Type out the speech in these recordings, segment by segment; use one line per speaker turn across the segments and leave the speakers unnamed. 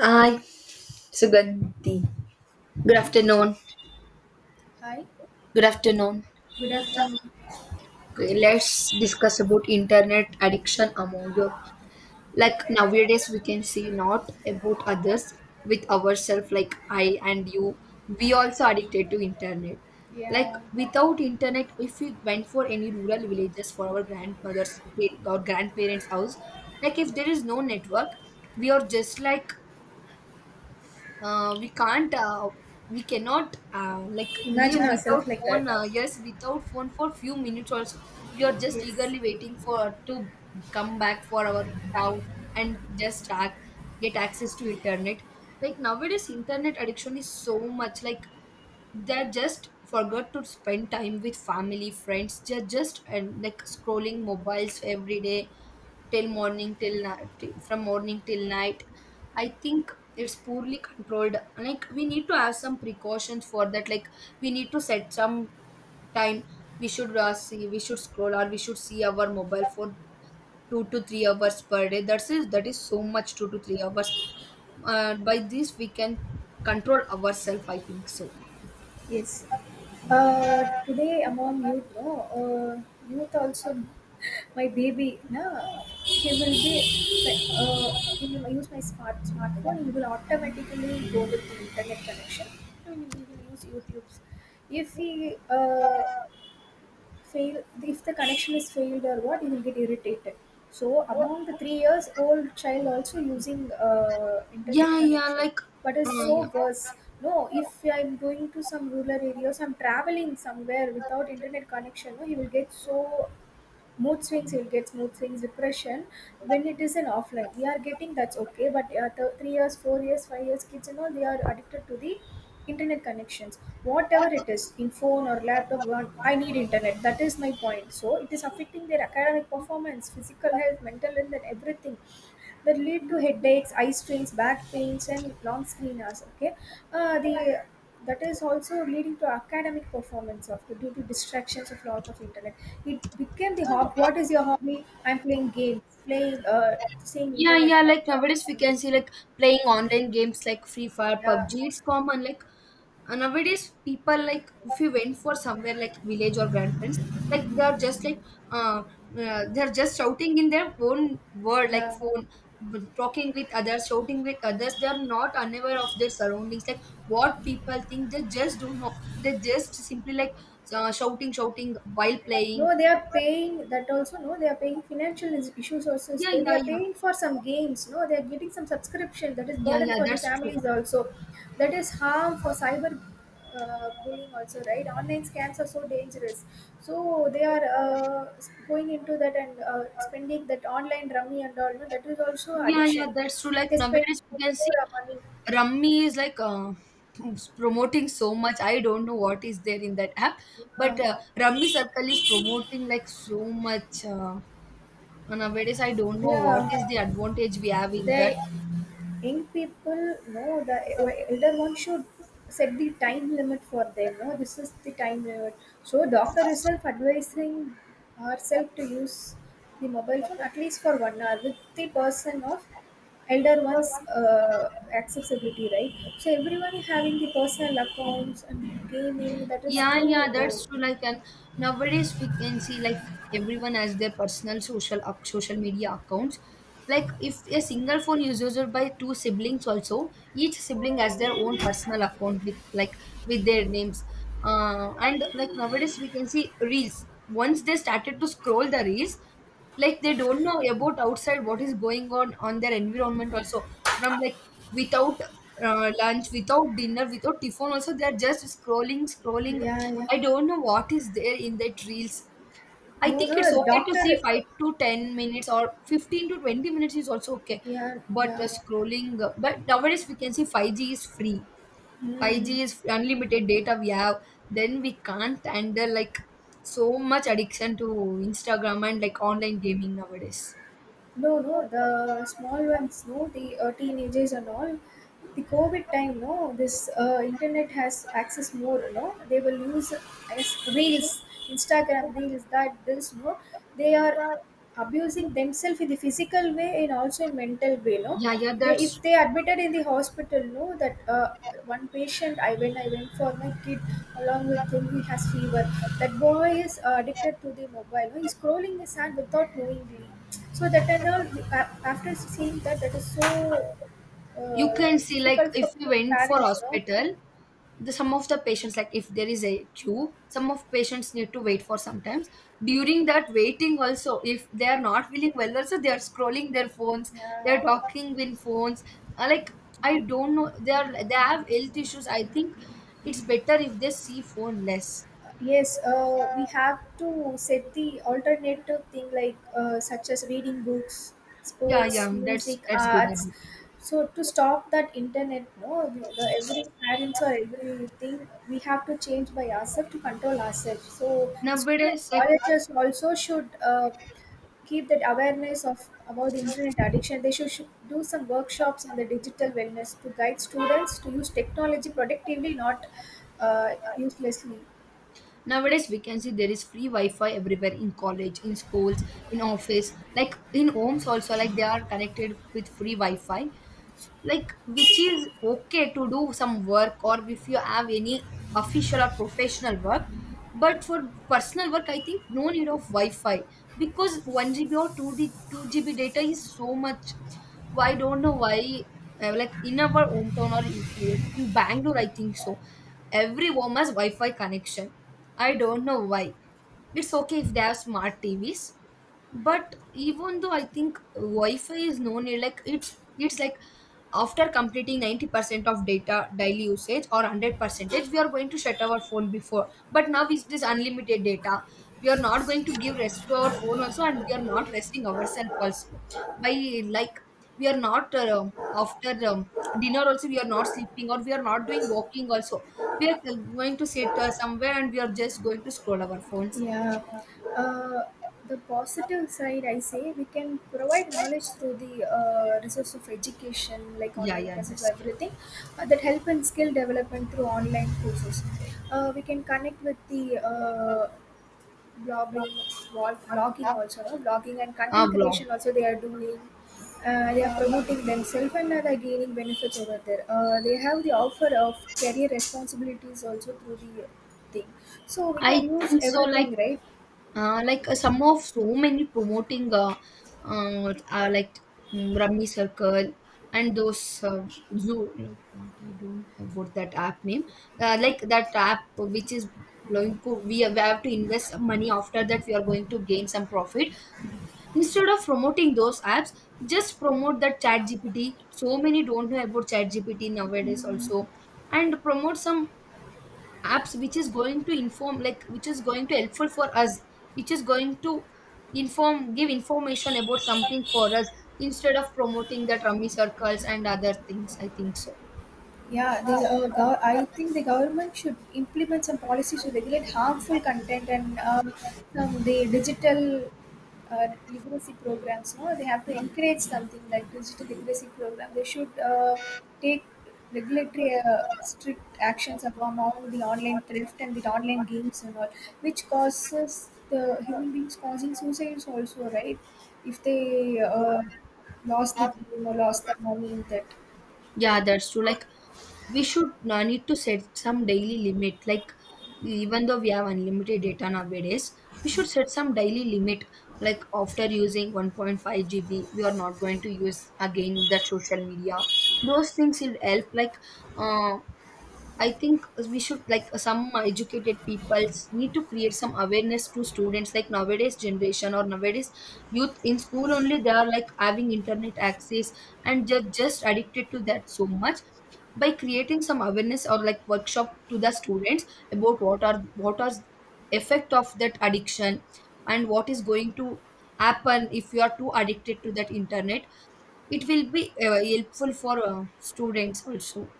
Hi, Sugandhi. Good afternoon.
Hi.
Good afternoon.
Good afternoon.
Okay, let's discuss about internet addiction among your, like nowadays we can see not about others, with ourselves, like I and you. We also addicted to internet. Like
Yeah.
without internet, if we went for any rural villages for our grandmother's or grandparents' house, like if there is no network, we are just like, we can't, we cannot, like live.
Imagine
Yes, without
ourselves like that.
phone, yes, without phone for few minutes also we are just
Yes.
eagerly waiting for to come back for our town and just get access to internet, like nowadays internet addiction is so much, like they just forgot to spend time with family friends, they're just and like scrolling mobiles every day, till morning till night from morning till night. I think it's poorly controlled. Like, we need to have some precautions for that. Like, we need to set some time. We should, see. We should scroll, or we should see our mobile for 2 to 3 hours per day. That's it. That is so much. 2 to 3 hours. By this we can control ourselves. I think so.
Yes. Today among youth, no, youth also, my baby, no, he will be, like, he will use my smartphone. He will automatically go with the internet connection. And he will use YouTube's. If he fail, if the connection is failed or what, you will get irritated. So among the 3 years old child also using internet
Yeah, yeah.
connection,
Like.
but it's
Uh,
so
yeah.
worse. No, if I'm going to some rural areas, I'm traveling somewhere without internet connection, no, he will get so mood swings. You'll get mood swings, depression, when it is an offline we are getting, that's okay. But the 3 years, 4 years, 5 years kids and all, they are addicted to the internet connections, whatever it is, in phone or laptop one, I need internet, that is my point. So it is affecting their academic performance, physical health, mental health, and everything, that lead to headaches, eye strains, back pains, and long screen hours. Okay. Uh, the that is also leading to academic performance of, due to distractions of lot of internet. It became the hobby. What is your hobby? I'm playing games, playing, seeing
Yeah,
internet.
yeah. Like nowadays, we can see like playing online games like Free Fire,
Yeah,
PUBG. It's common. Like. And nowadays, people, like if you went for somewhere like village or grandparents, like they are just like, uh, they are just shouting in their own word, like
yeah.
phone, talking with others, shouting with others. They are not unaware of their surroundings, like what people think. They just don't know. They just simply like, shouting, shouting while playing.
No, they are paying that also. No, they are paying financial issues also. Is
Yeah,
there. They
yeah,
are
yeah,
paying for some games. No, they are getting some subscription, that is
yeah,
burden
yeah.
for the
That's true.
families also. That is harm for cyber bullying also, right? Online scams are so dangerous. So they are going into that and spending that online rummy and all. No, that is also
Yeah, yeah,
addiction.
that's true. Like
They spend
nowadays, we can see
more money.
Rummy is like, promoting so much. I don't know what is there in that app, but
Yeah,
Rummy Circle is promoting like so much. Nowadays, I don't know what
yeah.
is the advantage we have in that.
They, young people, no, the elder one should set the time limit for them. No, this is the time limit. So doctor herself advising herself to use the mobile phone at least for 1 hour with the person of elder ones, uh, accessibility, right? So everyone having the personal accounts and gaming, that is
Yeah,
too.
yeah,
Oh,
that's true. Like, and nowadays we can see like everyone has their personal social media accounts. Like, if a single phone is used by two siblings, also each sibling has their own personal account with, like, with their names. And like nowadays we can see reels. Once they started to scroll the reels, like they don't know about outside what is going on their environment also, from like without lunch, without dinner, without tiffin. Also, they are just scrolling, scrolling.
yeah, yeah.
I don't know what is there in that reels. I
No,
think it's
no, the
okay to see
doctor.
5 to 10 minutes, or 15 to 20 minutes is also okay.
Yeah.
But
Yeah.
scrolling, but nowadays we can see 5G is free. Five
Hmm.
G is unlimited data we have. Then we can't handle like so much addiction to Instagram and like online gaming nowadays.
No, no, the small ones, no, the teenagers and all. The COVID time, no, this internet has access more, no. They will use as reels, Instagram reels, that this, no. They are abusing themselves in the physical way and also in mental way, no.
Yeah, yeah,
They,
that's
if
true.
they admitted in the hospital, no, that one patient I went for my kid along with him, he has fever. That boy is addicted to the mobile. No? He's scrolling his hand without knowingly, so that and all. After seeing that, that is so
You can see, like
difficult
if
for
we went for
parents, no?
hospital, the some of the patients, like if there is a queue, some of patients need to wait for sometimes. During that waiting also, if they are not feeling well also, they are scrolling their phones, they
Yeah.
are talking with phones. Uh, like I don't know, they have health issues, I think it's better if they see phone less.
Yes, we have to set the alternative thing like such as reading books,
Yeah,
sports,
yeah, that's
music,
that's good
arts.
habit.
So to stop that internet, no, every parents or everything, we have to change by ourselves to control ourselves. So the school and
Nowadays, like
colleges also should keep that awareness of about the internet addiction. They should do some workshops on the digital wellness to guide students to use technology productively, not uselessly.
nowadays we can see there is free wi-fi everywhere, in college, in schools, in office, like in homes also, like they are connected with free wi-fi, like which is okay to do some work or if you have any official or professional work, but for personal work I think no need of wi-fi, because 1 GB or 2d 2 GB data is so much. I don't know why. In our hometown or in bangalore, I think so, every home has wi-fi connection. I don't know why. It's okay if they have smart tvs, but even though I think wi-fi is no need, like it's like after completing 90% of data daily usage or 100%, we are going to shut our phone before, but now is this unlimited data. We are not going to give rest to our phone also, and we are not resting ourselves also, by, like, we are not, after dinner also we are not sleeping, or we are not doing walking also, we are going to sit somewhere and we are just going to scroll our phones.
Yeah. Uh, the positive side, I say, we can provide knowledge through the resource of education, like
Yeah,
online
yeah,
classes,
that's
everything. That help in skill development through online courses. We can connect with the blogging blogging also, no, blogging and
a
content
blog,
creation also they are doing. They are promoting themselves and are gaining benefits over there. They have the offer of career responsibilities also through the thing. So we
I
can use
think so. Like,
everything, right?
Like some of so many promoting, like Rummy Circle, and those zoo, like what I don't have about that app name. That app which is going to, we have to invest some money. After that we are going to gain some profit, instead of promoting those apps. Just promote that chat gpt. So many don't know about chat gpt nowadays also, and promote some apps which is going to inform, like which is going to helpful for us, which is going to inform, give information about something for us, instead of promoting the rummy circles and other things, I think so.
The I think the government should implement some policies to regulate harmful content and some the digital literacy programs. No, they have to encourage something like digital literacy program. They should take regulatory strict actions upon all the online theft and the online games and all, which causes the human beings causing suicides also, right? If they lost the game or lost the money in that,
Yeah, that's true. Like, we should, need to set some daily limit. Like, even though we have unlimited data nowadays, we should set some daily limit, like after using 1.5 GB we are not going to use again the social media. Those things will help, like, uh, I think we should, like some educated people need to create some awareness to students, like nowadays generation or nowadays youth in school only they are like having internet access and they're just addicted to that so much, by creating some awareness or like workshop to the students about what are effect of that addiction and what is going to happen if you are too addicted to that internet, it will be helpful for students also.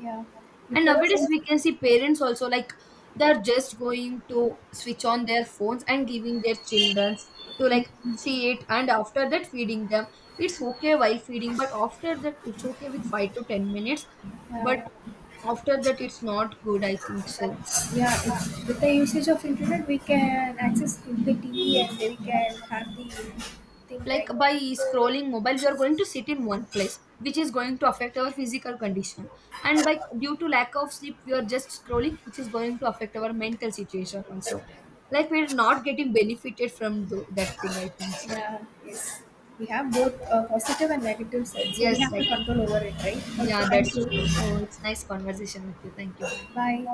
yeah,
And
because
nowadays
in.
we can see parents also, like they're just going to switch on their phones and giving their children to, like, see it and after that feeding them. It's okay while feeding, but after that it's okay with 5 to 10 minutes. But
Yeah,
after that it's not good, I think so.
that's yeah. It's, with the usage of internet, we can access to the TV and we can have the thing,
Like,
right?
by scrolling mobile we are going to sit in one place which is going to affect our physical condition, and by due to lack of sleep we are just scrolling which is going to affect our mental situation also. Like, we're not getting benefited from that thing, I think so.
Yeah, yes. We have both positive and negative sides, so we
Yes,
have to
like,
control over it, right? Okay,
yeah, that's
thank you.
true. Oh, it's nice conversation with you. Thank you, bye.
Bye.